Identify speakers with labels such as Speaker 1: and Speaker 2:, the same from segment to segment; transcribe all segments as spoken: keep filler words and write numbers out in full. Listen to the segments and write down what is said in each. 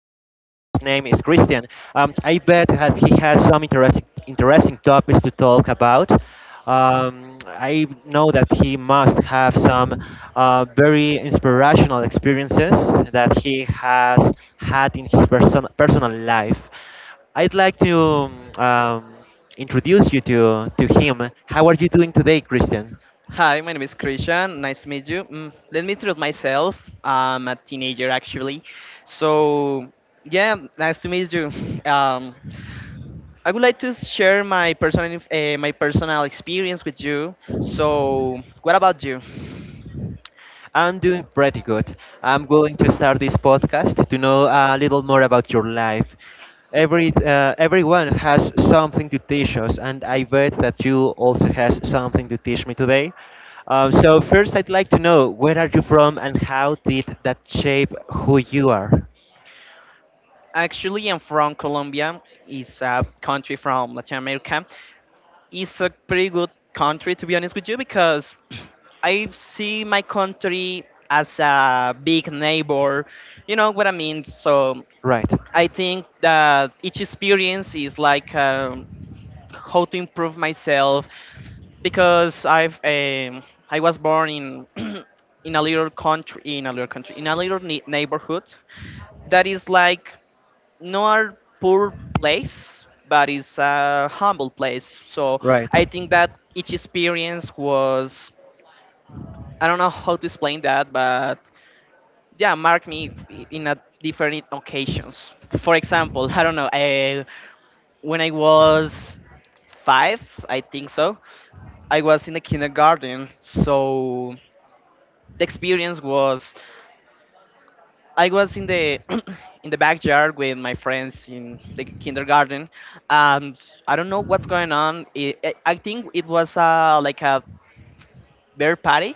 Speaker 1: his name is Christian. Um, I bet that he has some interesting, interesting topics to talk about. Um, I know that he must have some uh, very inspirational experiences that he has had in his person, personal life. I'd like to um, introduce you to, to him. How are you doing today, Christian?
Speaker 2: Hi, my name is Christian. Nice to meet you. Mm, let me introduce myself. I'm a teenager actually. So, yeah, nice to meet you. Um, I would like to share my personal inf- eh, my personal experience with you. So, what about you?
Speaker 1: I'm doing pretty good. I'm going to start this podcast to know a little more about your life. Every uh, everyone has something to teach us, and I bet that you also has something to teach me today. Um, so first, I'd like to know where are you from and how did that shape who you are.
Speaker 2: Actually, I'm from Colombia. It's a country from Latin America. It's a pretty good country, to be honest with you, because I see my country as a big neighbor. You know what I mean? So
Speaker 1: Right.
Speaker 2: I think that each experience is like um, how to improve myself because I've um, I was born in in a little country in a little country in a little ne- neighborhood that is like not poor place, but it's a humble place, so
Speaker 1: Right.
Speaker 2: I think that each experience was, I don't know how to explain that, but yeah, marked me i- in a different occasions. For example, I don't know, I, when I was five, I think so. I was in the kindergarten, so the experience was, I was in the in the backyard with my friends in the kindergarten. Um, I don't know what's going on. It, I I think it was uh, like a bear party.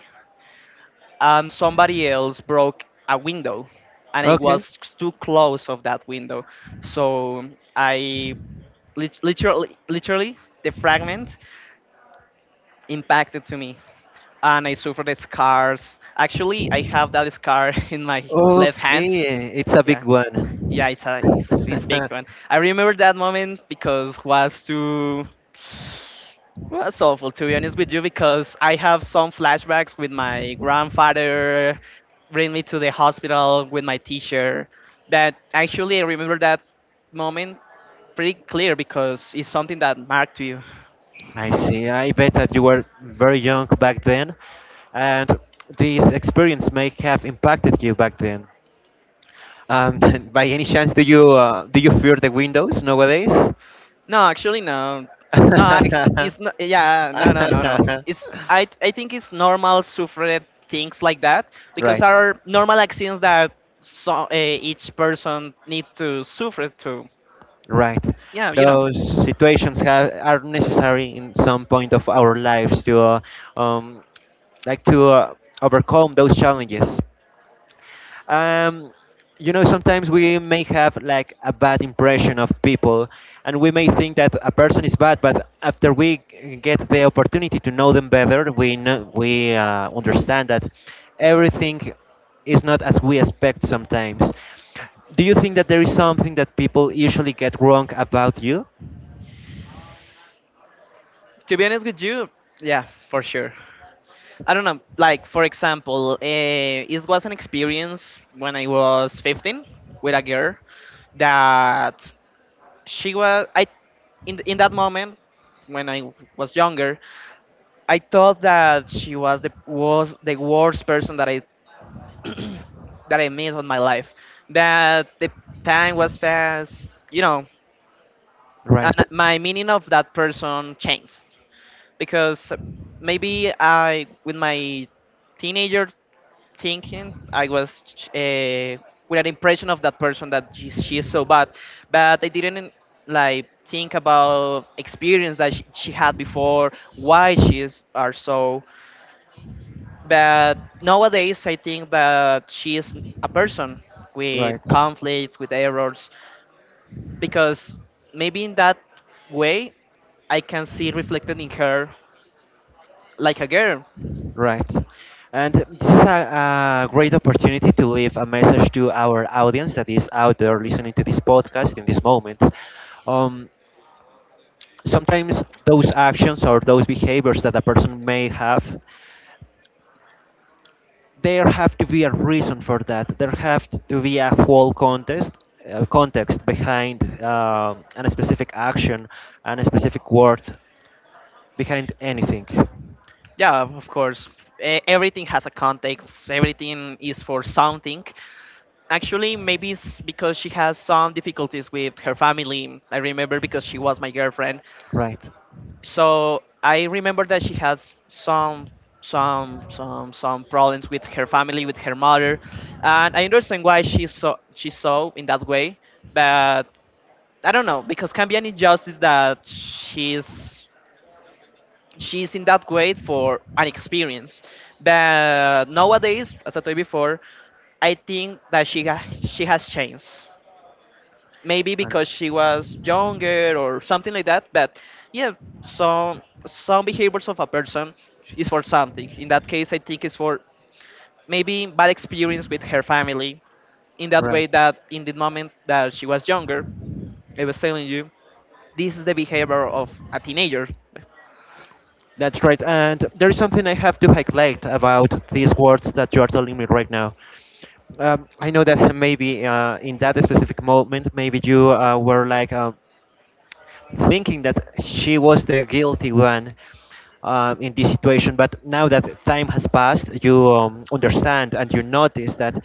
Speaker 2: Um, somebody else broke a window, and I
Speaker 1: Okay.
Speaker 2: was too close of that window, so I lit- literally literally the fragment impacted to me, and I suffered the scars. Actually, I have that scar in my left hand.
Speaker 1: Okay. It's a
Speaker 2: Yeah.
Speaker 1: big one.
Speaker 2: Yeah, it's a it's, it's big one. I remember that moment because was too was awful, to be honest with you, because I have some flashbacks with my grandfather bring me to the hospital with my teacher. That actually, I remember that moment pretty clear because it's something that marked you.
Speaker 1: I see. I bet that you were very young back then, and this experience may have impacted you back then. Um, by any chance, do you uh, do you fear the windows nowadays?
Speaker 2: No, actually, no. No, act- it's not. Yeah, no, no, no, no. It's I. I think it's normal suffer things like that because
Speaker 1: Right,
Speaker 2: are normal accidents that, so uh, each person need to suffer to.
Speaker 1: right.
Speaker 2: Yeah, you know.
Speaker 1: Those situations ha are necessary in some point of our lives to uh, um, like to uh, overcome those challenges. um, you know, sometimes we may have like a bad impression of people, and we may think that a person is bad, but after we g- get the opportunity to know them better, we know, we uh, understand that everything is not as we expect sometimes. Do you think that there is something that people usually get wrong about you?
Speaker 2: To be honest with you, yeah, for sure. I don't know. Like, for example, uh, it was an experience when I was fifteen with a girl that she was. I in in that moment, when I was younger, I thought that she was the was the worst person that I that I met on my life. But the time was fast, you know,
Speaker 1: Right.
Speaker 2: and my meaning of that person changed because maybe I, with my teenager thinking, I was uh, with an impression of that person that she, she is so bad, but I didn't like think about experience that she, she had before, why she is are so. But nowadays, I think that she is a person with
Speaker 1: Right.
Speaker 2: conflicts, with errors, because maybe in that way, I can see reflected in her like a girl.
Speaker 1: Right. And this is a, a great opportunity to leave a message to our audience that is out there listening to this podcast in this moment. Um, Sometimes those actions or those behaviors that a person may have, there have to be a reason for that. There have to be a whole context, uh, context behind um a specific action, and a specific word behind anything.
Speaker 2: Yeah, of course. e- Everything has a context, everything is for something. Actually, maybe it's because she has some difficulties with her family. I remember because she was my girlfriend,
Speaker 1: Right.
Speaker 2: so I remember that she has some some some some problems with her family, with her mother, and I understand why she's so she's so in that way. But I don't know because can be an injustice that she's she's in that way for an experience. But nowadays, as I told you before, I think that she ha- she has changed maybe
Speaker 1: And
Speaker 2: because she was younger or something like that, but yeah, some some behaviors of a person is for something. In that case, I think it's for maybe bad experience with her family, in that way
Speaker 1: right.
Speaker 2: that in the moment that she was younger, I was telling you, this is the behavior of a teenager.
Speaker 1: That's right. And there is something I have to highlight about these words that you are telling me right now. Um, I know that maybe uh, in that specific moment, maybe you uh, were like. Uh, thinking that she was the guilty one uh, in this situation. But now that time has passed, you um, understand and you notice that,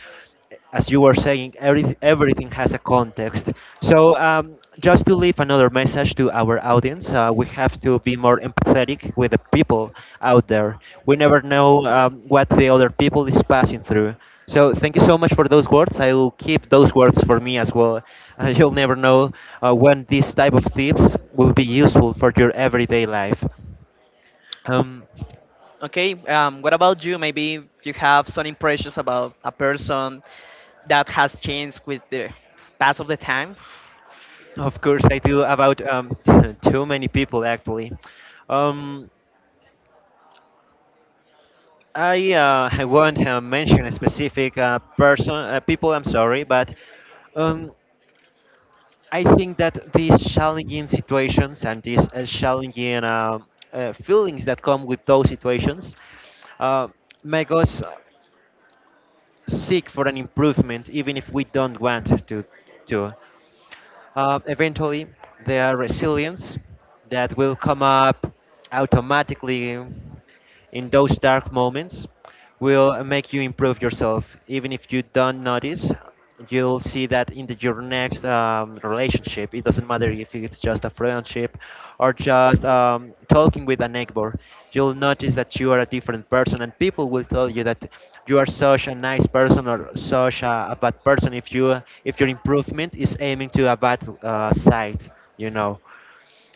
Speaker 1: as you were saying, every, everything has a context. So, um, just to leave another message to our audience, uh, we have to be more empathetic with the people out there. We never know um, what the other people is passing through. So thank you so much for those words. I will keep those words for me as well. Uh, you'll never know uh, when these type of tips will be useful for your everyday life. Um,
Speaker 2: Okay. Um, what about you, maybe you have some impressions about a person that has changed with the pass of the time?
Speaker 1: of course, I do about um, too many people actually. Um, I uh, I won't uh, mention a specific uh, person uh, people. I'm sorry, but. Um, I think that these challenging situations and these uh, challenging uh, uh, feelings that come with those situations uh, make us uh, seek for an improvement, even if we don't want to. to. Uh, eventually, there are resilience that will come up automatically in those dark moments, will make you improve yourself. Even if you don't notice, you'll see that in the, your next um, relationship. It doesn't matter if it's just a friendship or just um, talking with a neighbor. You'll notice that you are a different person, and people will tell you that you are such a nice person or such a, a bad person if you if your improvement is aiming to a bad uh, side. You know.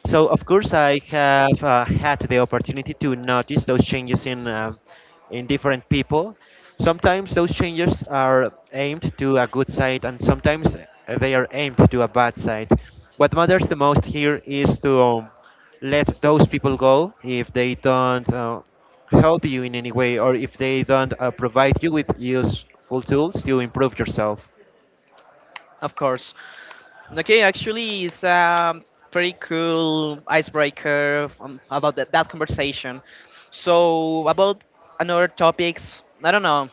Speaker 1: So, of course, I have uh, had the opportunity to notice those changes in, uh, in different people. Sometimes those changes are aimed to a good side, and sometimes uh, they are aimed to a bad side. What matters the most here is to um, let those people go if they don't uh, help you in any way or if they don't uh, provide you with useful tools to improve yourself.
Speaker 2: Of course. Okay, actually, it's a pretty cool icebreaker um, about that, that conversation. So, about another topics, I don't know.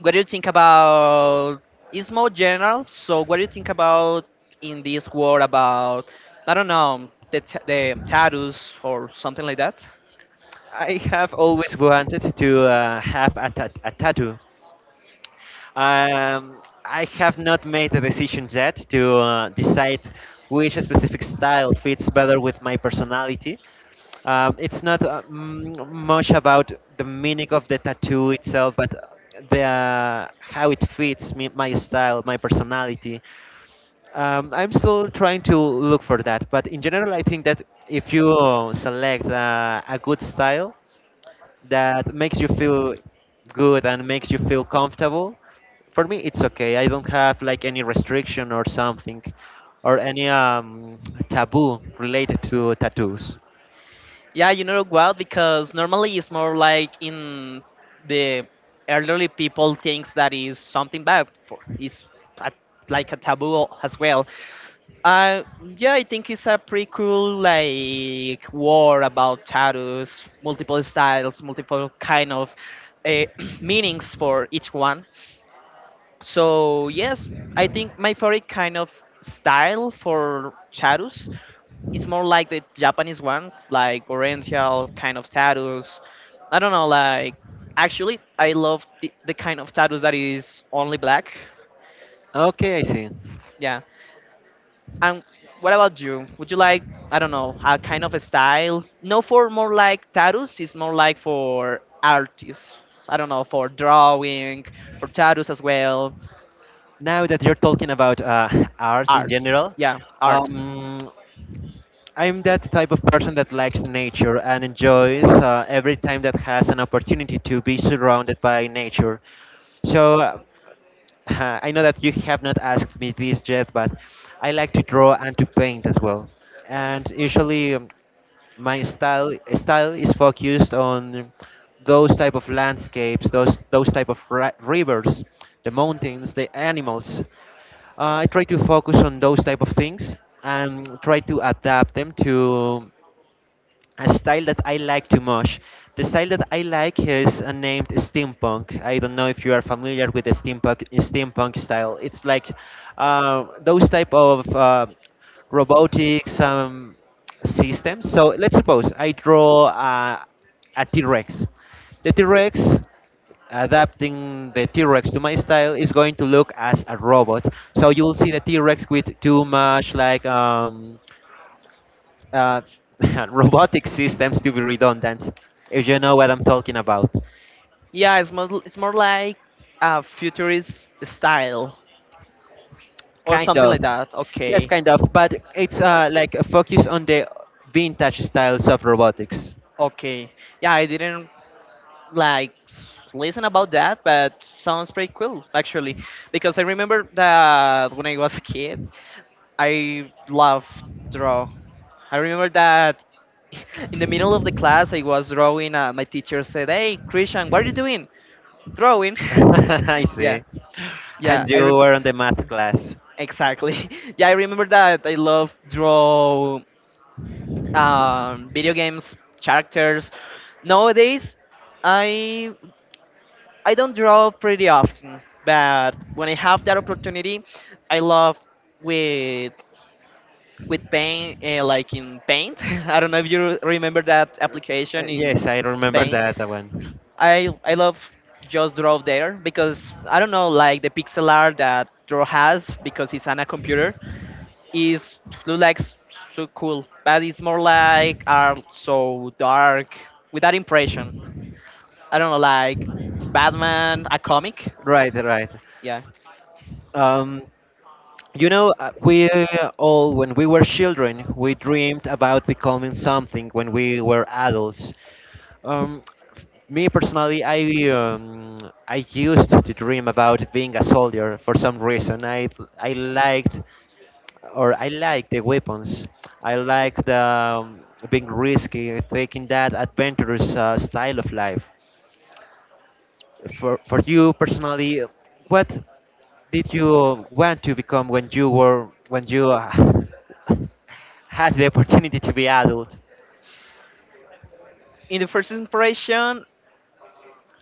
Speaker 2: What do you think about? It's more general. So, what do you think about in this world about? I don't know, the t- the tattoos or something like that.
Speaker 1: I have always wanted to uh, have a, tat- a tattoo. Um, I have not made a decision yet to uh, decide which specific style fits better with my personality. Um, it's not uh, mm, much about the meaning of the tattoo itself, but the uh, how it fits me, my style, my personality. Um, I'm still trying to look for that, but in general, I think that if you uh, select uh, a good style, that makes you feel good and makes you feel comfortable, for me it's okay. I don't have like any restriction or something, or any um, taboo related to tattoos.
Speaker 2: Yeah, you know what? Because normally it's more like in the elderly people thinks that is something bad. For it's a, like a taboo as well. Uh, yeah, I think it's a pretty cool like war about tattoos, multiple styles, multiple kind of uh, meanings for each one. So yes, I think my favorite kind of style for tattoos, it's more like the Japanese one, like oriental kind of tattoos. I don't know, like, actually I love the, the kind of tattoos that is only black.
Speaker 1: Okay, I see.
Speaker 2: Yeah. And what about you? Would you like, I don't know, a kind of a style? No, for more like tattoos, it's more like for artists. I don't know, for drawing, for tattoos as well.
Speaker 1: Now that you're talking about uh, art in
Speaker 2: Art.
Speaker 1: general,
Speaker 2: Yeah, art.
Speaker 1: um, I'm that type of person that likes nature and enjoys uh, every time that has an opportunity to be surrounded by nature. So uh, I know that you have not asked me this yet, but I like to draw and to paint as well. And usually, um, my style style is focused on those type of landscapes, those those type of ri- rivers, the mountains, the animals. Uh, I try to focus on those type of things and try to adapt them to a style that I like too much. The style that I like is uh, named steampunk. I don't know if you are familiar with the steampunk steampunk style. It's like uh, those type of uh, robotics um, systems. So let's suppose I draw uh, a T-Rex. The T-Rex Adapting the T-Rex to my style is going to look as a robot. So you'll see the T-Rex with too much like um, uh, robotic systems to be redundant, if you know what I'm talking about.
Speaker 2: Yeah, it's more it's more like a futurist style or
Speaker 1: Kind
Speaker 2: something
Speaker 1: of.
Speaker 2: like that.
Speaker 1: Yes,
Speaker 2: Okay.
Speaker 1: kind of. But it's uh, like a focus on the vintage styles of robotics.
Speaker 2: Okay. Yeah, I didn't like listen about that, but sounds pretty cool actually. Because I remember that when I was a kid, I loved draw. I remember that in the middle of the class I was drawing and my teacher said, "Hey, Christian, what are you doing? Drawing."
Speaker 1: I
Speaker 2: Yeah.
Speaker 1: see.
Speaker 2: Yeah,
Speaker 1: And
Speaker 2: I
Speaker 1: you
Speaker 2: rem-
Speaker 1: were on the math class.
Speaker 2: exactly. Yeah, I remember that I love draw um, video games characters. Nowadays, I I don't draw pretty often, but when I have that opportunity, I love with with paint, uh, like in Paint. I don't know if you re- remember that
Speaker 1: Uh,
Speaker 2: application in
Speaker 1: Yes, I remember
Speaker 2: Paint.
Speaker 1: that one.
Speaker 2: I I love just draw there because I don't know, like the pixel art that draw has because it's on a computer is look like s- so cool, but it's more like art so dark with that impression. I don't know, like Batman, a comic.
Speaker 1: Right, right.
Speaker 2: Yeah.
Speaker 1: Um, you know, uh, we all, when we were children, we dreamed about becoming something when we were adults. Um, f- me personally, I um, I used to dream about being a soldier for some reason. I I liked or I like the weapons. I like the um, being risky, taking that adventurous uh, style of life. For for you personally, what did you want to become when you were when you uh, had the opportunity to be adult?
Speaker 2: In the first impression,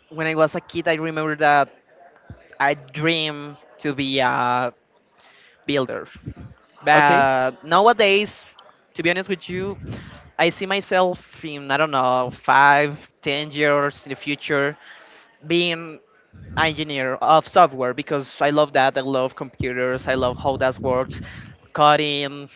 Speaker 2: when I was a kid, I remember that I dreamed to be a builder.
Speaker 1: Okay,
Speaker 2: But nowadays, to be honest with you, I see myself in, I don't know, five, ten years in the future, being an engineer of software because I love that. I love computers. I love how that works, coding,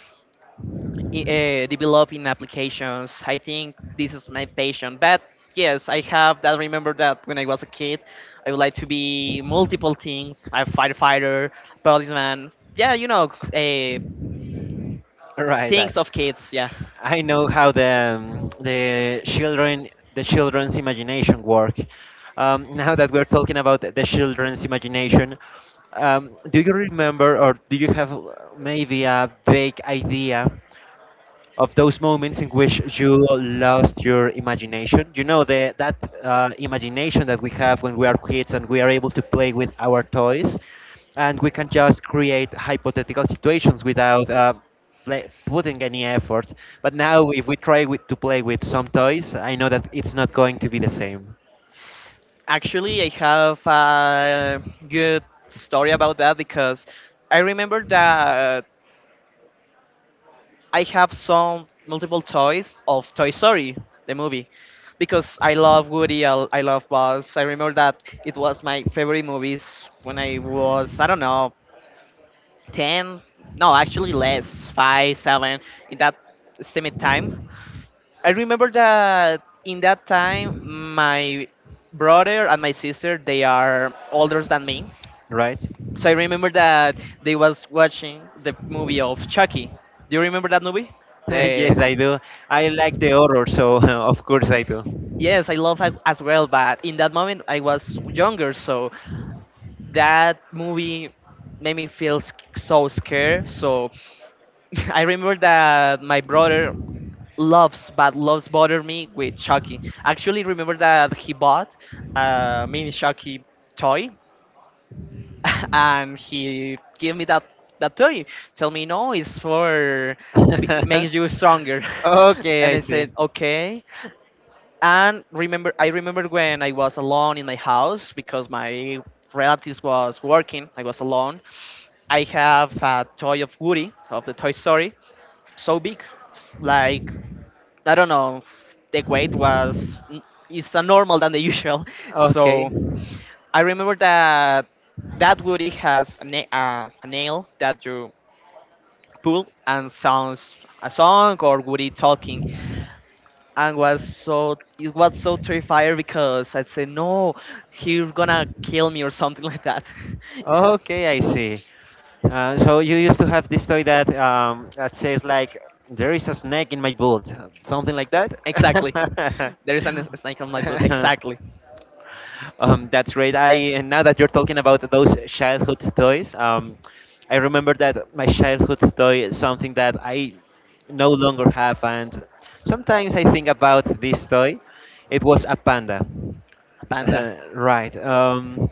Speaker 2: i- uh, developing applications. I think this is my passion. But yes, I have that. Remember that when I was a kid, I would like to be multiple things. I'm firefighter, policeman. Yeah, you know, uh,
Speaker 1: all right. I,
Speaker 2: things of kids. Yeah.
Speaker 1: I know how the um, the children the children's imagination work. Um, now that we're talking about the children's imagination, um, do you remember or do you have uh, maybe a vague idea of those moments in which you lost your imagination. You know the, that uh, imagination that we have when we are kids and we are able to play with our toys, and we can just create hypothetical situations without uh, play, putting any effort. But now, if we try with, to play with some toys, I know that it's not going to be the same,
Speaker 2: Actually, I have a good story about that because I remember that I have some multiple toys of Toy Story, the movie, because I love Woody, I, I love Buzz. I remember that it was my favorite movies when I was, I don't know, ten, no, actually less, five, seven, in that same time. I remember that in that time, my brother and my sister, they are older than me.
Speaker 1: right?
Speaker 2: So I remember that they was watching the movie of Chucky. Do you remember that movie?
Speaker 1: Yes,
Speaker 2: The
Speaker 1: I do. I like the horror, so of course I do.
Speaker 2: Yes, I love it as well, but in that moment I was younger, so that movie made me feel sc- so scared. So I remember that my brother loves, but loves bother me with Chucky. Actually, remember that he bought a mini Chucky toy, and he gave me that that toy. Tell me, no, it's for b- makes you stronger.
Speaker 1: Okay,
Speaker 2: And
Speaker 1: I
Speaker 2: I
Speaker 1: see.
Speaker 2: said, okay. And remember I remember when I was alone in my house because my relatives was working, I was alone. I have a toy of Woody of the Toy Story, so big, like, I don't know, the weight was is a normal than the usual. So
Speaker 1: Okay.
Speaker 2: I remember that that Woody has a, na- uh, a nail that you pull and sounds a song or Woody talking, and was so it was so terrified because I'd say, no, he's gonna kill me or something like that.
Speaker 1: Okay, I see. Uh, so you used to have this toy that um, that says like there is a snake in my boot, something like
Speaker 2: Exactly,
Speaker 1: that.
Speaker 2: there is a s- snake on my boot. Exactly,
Speaker 1: Um, that's great. I And now that you're talking about those childhood toys, um, I remember that my childhood toy is something that I no longer have, and sometimes I think about this toy. It was a panda.
Speaker 2: a panda.
Speaker 1: Right. Um,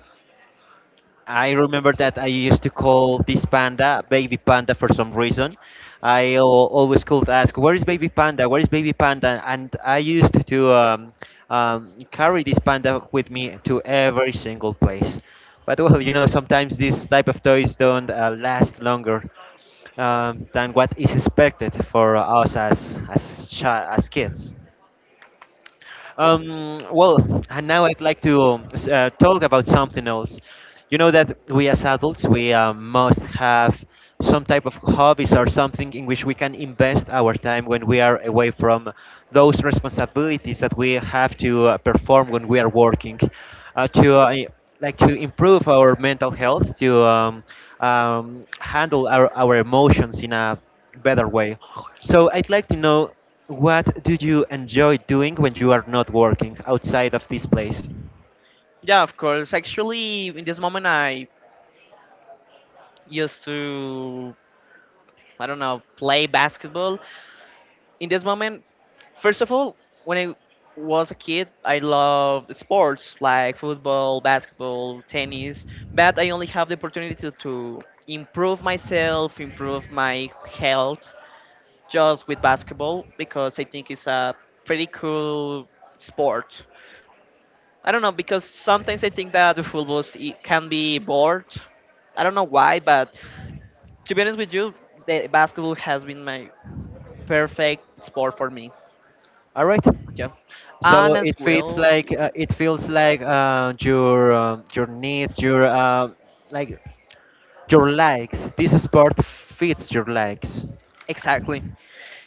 Speaker 1: I remember that I used to call this panda baby panda for some reason. I al- always could ask, "Where is baby panda? Where is baby panda?" And I used to um, um, carry this panda with me to every single place. But well, you know, sometimes this type of toys don't uh, last longer um, than what is expected for us as as chi- as kids. Um, well, and now I'd like to um, s- uh, talk about something else. You know that we as adults, we uh, must have some type of hobbies or something in which we can invest our time when we are away from those responsibilities that we have to uh, perform when we are working. Uh, to uh, i- like to improve our mental health, to um, um, handle our, our emotions in a better way. So I'd like to know what do you enjoy doing when you are not working outside of this place?
Speaker 2: Yeah, of course. Actually, in this moment, I used to, I don't know, play basketball. In this moment, first of all, when I was a kid, I loved sports like football, basketball, tennis, but I only have the opportunity to, to improve myself, improve my health just with basketball because I think it's a pretty cool sport. I don't know because sometimes I think that the football is- it can be bored. I don't know why, but to be honest with you, the basketball has been my perfect sport for me.
Speaker 1: All right.
Speaker 2: Yeah,
Speaker 1: So
Speaker 2: and as
Speaker 1: it feels
Speaker 2: well,
Speaker 1: like
Speaker 2: y-
Speaker 1: uh, it feels like uh, your um, your needs, your uh, like your likes. This sport fits your likes.
Speaker 2: exactly,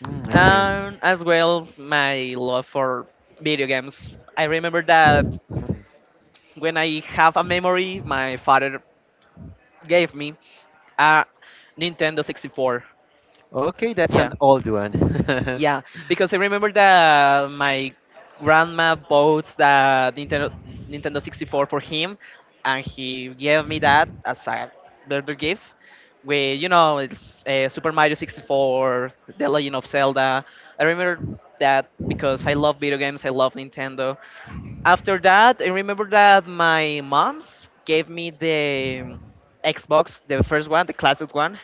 Speaker 1: Mm, I see.
Speaker 2: and as well, my love for video games. I remember that
Speaker 1: Mhm.
Speaker 2: when I have a memory, my father gave me a Nintendo sixty-four.
Speaker 1: Okay, that's
Speaker 2: Yeah.
Speaker 1: an old one.
Speaker 2: Yeah, because I remember that my grandma bought the Nintendo Nintendo sixty-four for him, and he gave me that as a birthday gift. With you know, it's uh, Super Mario sixty-four, The Legend of Zelda. I remember that because I love video games. I love Nintendo. After that, I remember that my mom's gave me the Xbox, the first one, the classic one,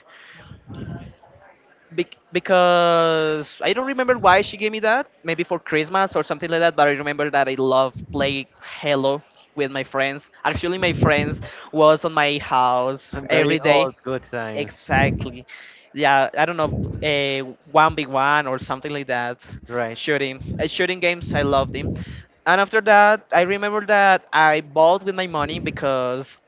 Speaker 2: Bec- because I don't remember why she gave me that. Maybe for Christmas or something like that. But I remember that I love play Hello with my friends. Actually, my friends was on my house
Speaker 1: I'm very
Speaker 2: every day.
Speaker 1: old. Good times.
Speaker 2: Exactly. Yeah, I don't know, a one v one or something like that.
Speaker 1: Right.
Speaker 2: Shooting, uh, shooting games. I love them. And after that, I remember that I bought with my money because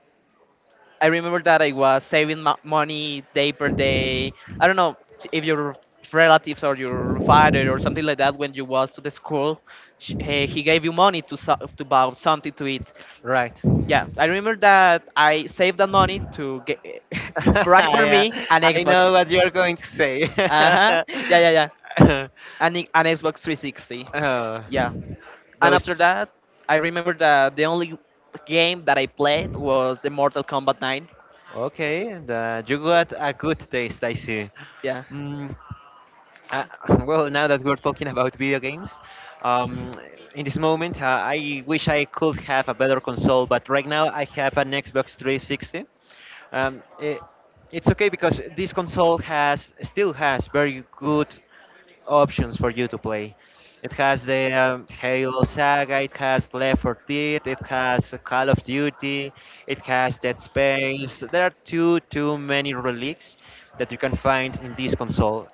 Speaker 2: I remember that I was saving mo- money day per day. I don't know if your relatives or your father or something like that when you was to the school, sh- eh, he gave you money to so- to buy something to eat.
Speaker 1: Right.
Speaker 2: Yeah, I remember that I saved that money to get buy for
Speaker 1: I, uh,
Speaker 2: me an
Speaker 1: I know
Speaker 2: Xbox.
Speaker 1: what you're going to say.
Speaker 2: Uh huh. Yeah, yeah, yeah. An, i- an Xbox three sixty.
Speaker 1: Uh,
Speaker 2: Yeah. And after
Speaker 1: those.
Speaker 2: that, I remember that the only game that I played was the Mortal Kombat nine.
Speaker 1: Okay, and uh, you got a good taste, I see.
Speaker 2: Yeah.
Speaker 1: Mm, uh, well, now that we're talking about video games, um, in this moment, uh, I wish I could have a better console, but right now I have an Xbox three sixty. Um, it, it's okay because this console has still has very good options for you to play. It has the um, Halo Saga, it has Left four Dead, it has Call of Duty, it has Dead Space. There are too too many relics that you can find in this console.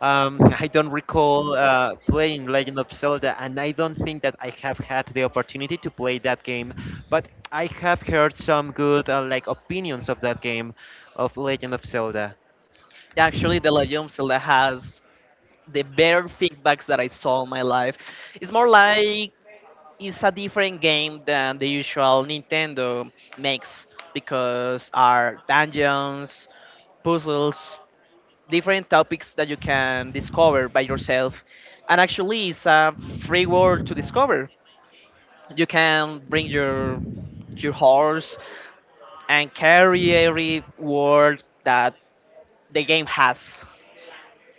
Speaker 1: Um, I don't recall uh, playing Legend of Zelda, and I don't think that I have had the opportunity to play that game. But I have heard some good uh, like opinions of that game, of Legend of Zelda.
Speaker 2: Actually, the Legend of Zelda has the better feedbacks that I saw in my life. It's more like it's a different game than the usual Nintendo makes because are dungeons, puzzles, different topics that you can discover by yourself. And actually, it's a free world to discover. You can bring your your horse and carry every world that the game has.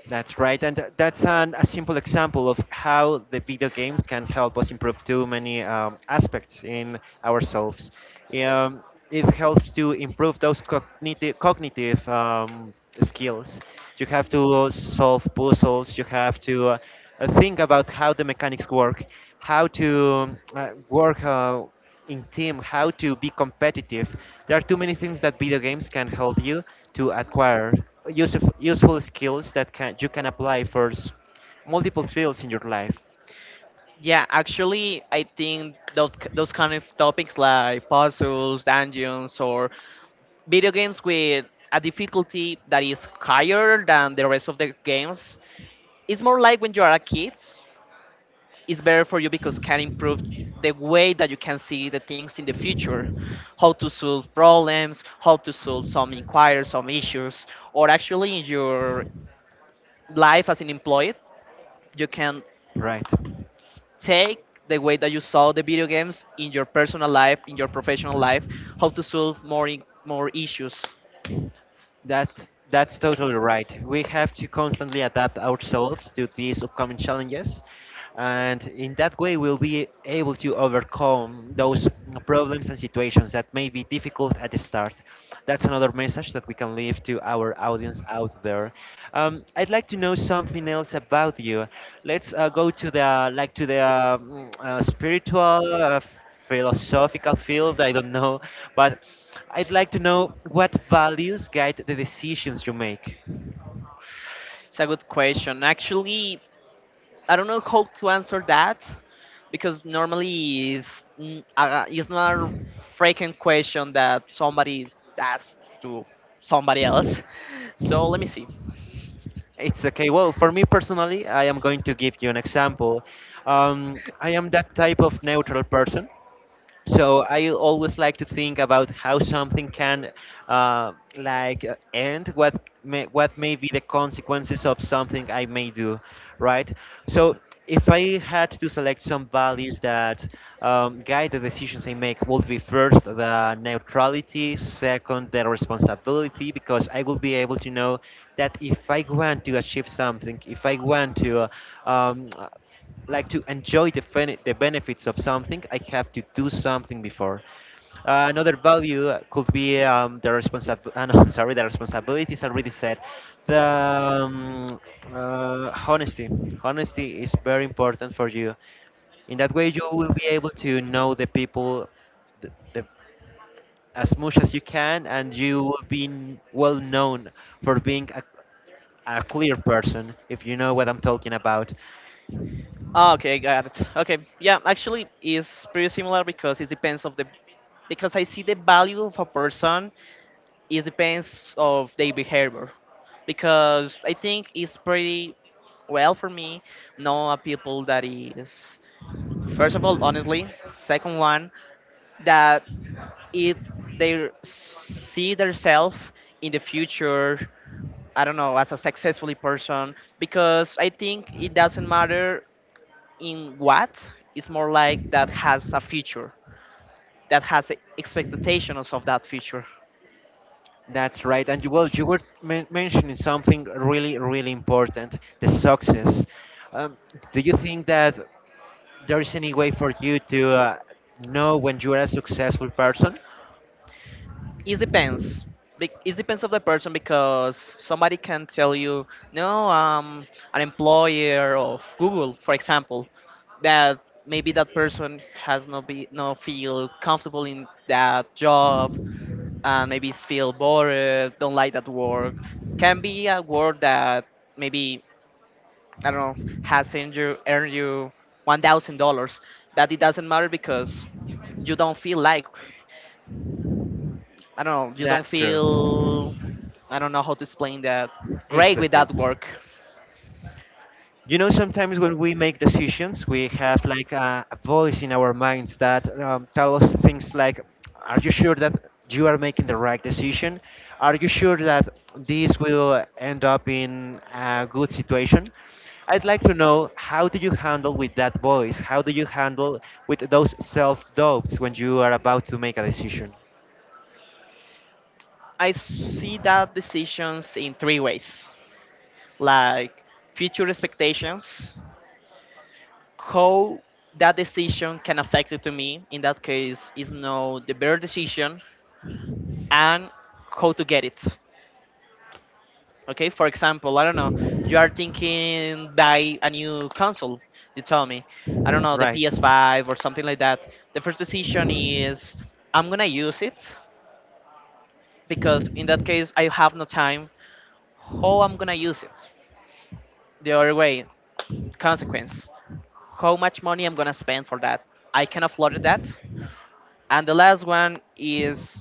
Speaker 1: That's right, and that's an, a simple example of how the video games can help us improve too many um, aspects in ourselves. Um, it helps to improve those cognitive cognitive um, skills. You have to solve puzzles. You have to uh, think about how the mechanics work, how to uh, work. Uh, in team, how to be competitive. There are too many things that video games can help you to acquire useful, useful skills that can, you can apply for s- multiple fields in your life.
Speaker 2: Yeah, actually, I think those, those kind of topics like puzzles, dungeons, or video games with a difficulty that is higher than the rest of the games, it's more like when you are a kid, it's better for you because can improve the way that you can see the things in the future, how to solve problems, how to solve some inquiries, some issues, or actually in your life as an employee, you can
Speaker 1: Right.
Speaker 2: take the way that you saw the video games in your personal life, in your professional life, how to solve more i- more issues?
Speaker 1: That that's totally right. We have to constantly adapt ourselves to these upcoming challenges, and in that way, we'll be able to overcome those problems and situations that may be difficult at the start. That's another message that we can leave to our audience out there. Um, I'd like to know something else about you. Let's uh, go to the like to the um, uh, spiritual. Uh, Philosophical field, I don't know, but I'd like to know what values guide the decisions you make.
Speaker 2: It's a good question. Actually, I don't know how to answer that because normally it's, n- uh, it's not a frequent question that somebody asks to somebody else. So let me see.
Speaker 1: It's okay. Well, for me personally, I am going to give you an example. Um, I am that type of neutral person. So I always like to think about how something can, uh, like, uh, end what may, what may be the consequences of something I may do, right? So if I had to select some values that um, guide the decisions I make, would be first the neutrality, second the responsibility, because I will be able to know that if I want to achieve something, if I want to. uh, Um, like to enjoy the, fen- the benefits of something, I have to do something before. Uh, another value uh, could be um, the responsibility. Uh, no, I'm sorry, the responsibilities already said. The um, uh, Honesty. Honesty is very important for you. In that way, you will be able to know the people the, the, as much as you can, and you will be n- well known for being a, a clear person, if you know what I'm talking about.
Speaker 2: Ah, okay, got it. Okay, yeah, actually, it's pretty similar because it depends of the because I see the value of a person, it depends of their behavior because I think it's pretty well for me know a people that is first of all honestly, second one that it they see themselves in the future. I don't know, as a successfully person, because I think it doesn't matter in what. It's more like that has a future, that has expectations of that future.
Speaker 1: That's right. And you, well, you were men- mentioning something really, really important, the success. Um, do you think that there is any way for you to uh, know when you are a successful person?
Speaker 2: It depends. Bec- It depends of the person because somebody can tell you, no, I an employer of Google, for example, that maybe that person has no be no feel comfortable in that job and maybe feel bored, don't like that work. Can be a work that maybe, I don't know, has earned you earned you one thousand dollars, but it doesn't matter because you don't feel like, I don't know, you don't
Speaker 1: That's true.
Speaker 2: feel, I don't know how to explain that.
Speaker 1: It's
Speaker 2: Great with
Speaker 1: okay.
Speaker 2: that work.
Speaker 1: You know, sometimes when we make decisions, we have like a, a voice in our minds that um, tell us things like, "Are you sure that you are making the right decision? Are you sure that this will end up in a good situation?" I'd like to know how do you handle with that voice? How do you handle with those self doubts when you are about to make a decision?
Speaker 2: I see that decisions in three ways like future expectations, how that decision can affect it to me. In that case, is no the better decision, and how to get it. Okay, for example, I don't know, you are thinking buy a new console. You tell me, I don't know, the
Speaker 1: Right.
Speaker 2: P S five or something like that. The first decision is I'm gonna use it because in that case I have no time how I'm gonna use it. The other way, consequence, how much money I'm gonna spend for that. I can afford that. And the last one is,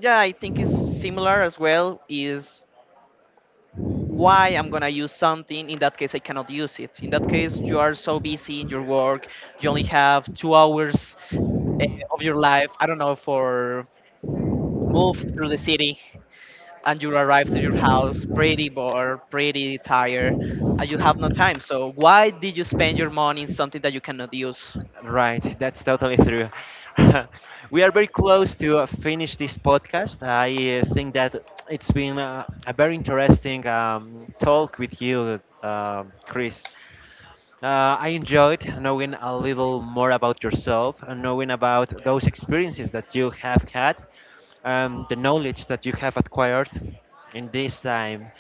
Speaker 2: yeah, I think it's similar as well. Is why I'm gonna use something. In that case, I cannot use it. In that case, you are so busy in your work, you only have two hours eh, of your life. I don't know for move through the city. And you arrive to your house pretty bored, pretty tired, and you have no time. So why did you spend your money in something that you cannot use?
Speaker 1: Right, that's totally true. We are very close to uh, finish this podcast. I uh, think that it's been uh, a very interesting um, talk with you, uh, Chris. Uh, I enjoyed knowing a little more about yourself and knowing about those experiences that you have had, um, the knowledge that you have acquired in this time,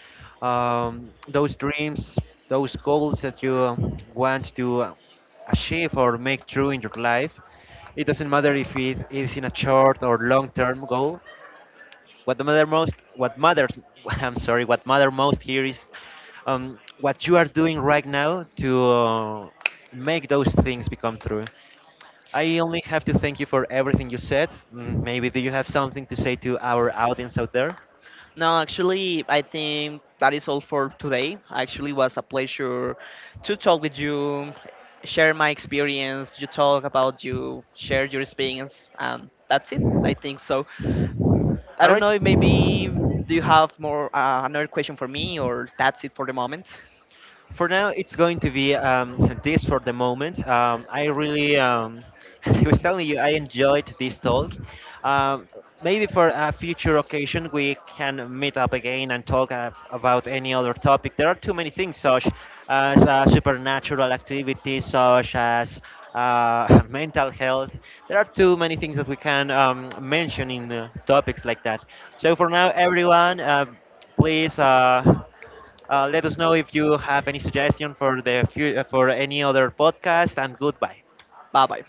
Speaker 1: um, those dreams, those goals that you um, want to uh, achieve or make true in your life. It doesn't matter if it is in a short or long term goal, what the matter most, what matters, I'm sorry, what matter most here is um, what you are doing right now to uh, make those things become true. I only have to thank you for everything you said. Mm, maybe do you have something to say to our audience out there?
Speaker 2: No, actually, I think that is all for today. Actually, it was a pleasure to talk with you, share my experience. You talk about you, share your experience, and that's it. I think so. I
Speaker 1: All
Speaker 2: don't
Speaker 1: right.
Speaker 2: know. Maybe do you have more uh, another question for me, or that's it for the moment?
Speaker 1: For now, it's going to be um, this for the moment. Um, I really, um, as I was telling you, I enjoyed this talk. Um, Maybe for a future occasion, we can meet up again and talk ab- about any other topic. There are too many things, such as uh, supernatural activities, such as uh, mental health. There are too many things that we can um, mention in uh, topics like that. So for now, everyone, uh, please. Uh, uh, Let us know if you have any suggestion for the fu- uh, for any other podcast, and goodbye.
Speaker 2: Bye bye.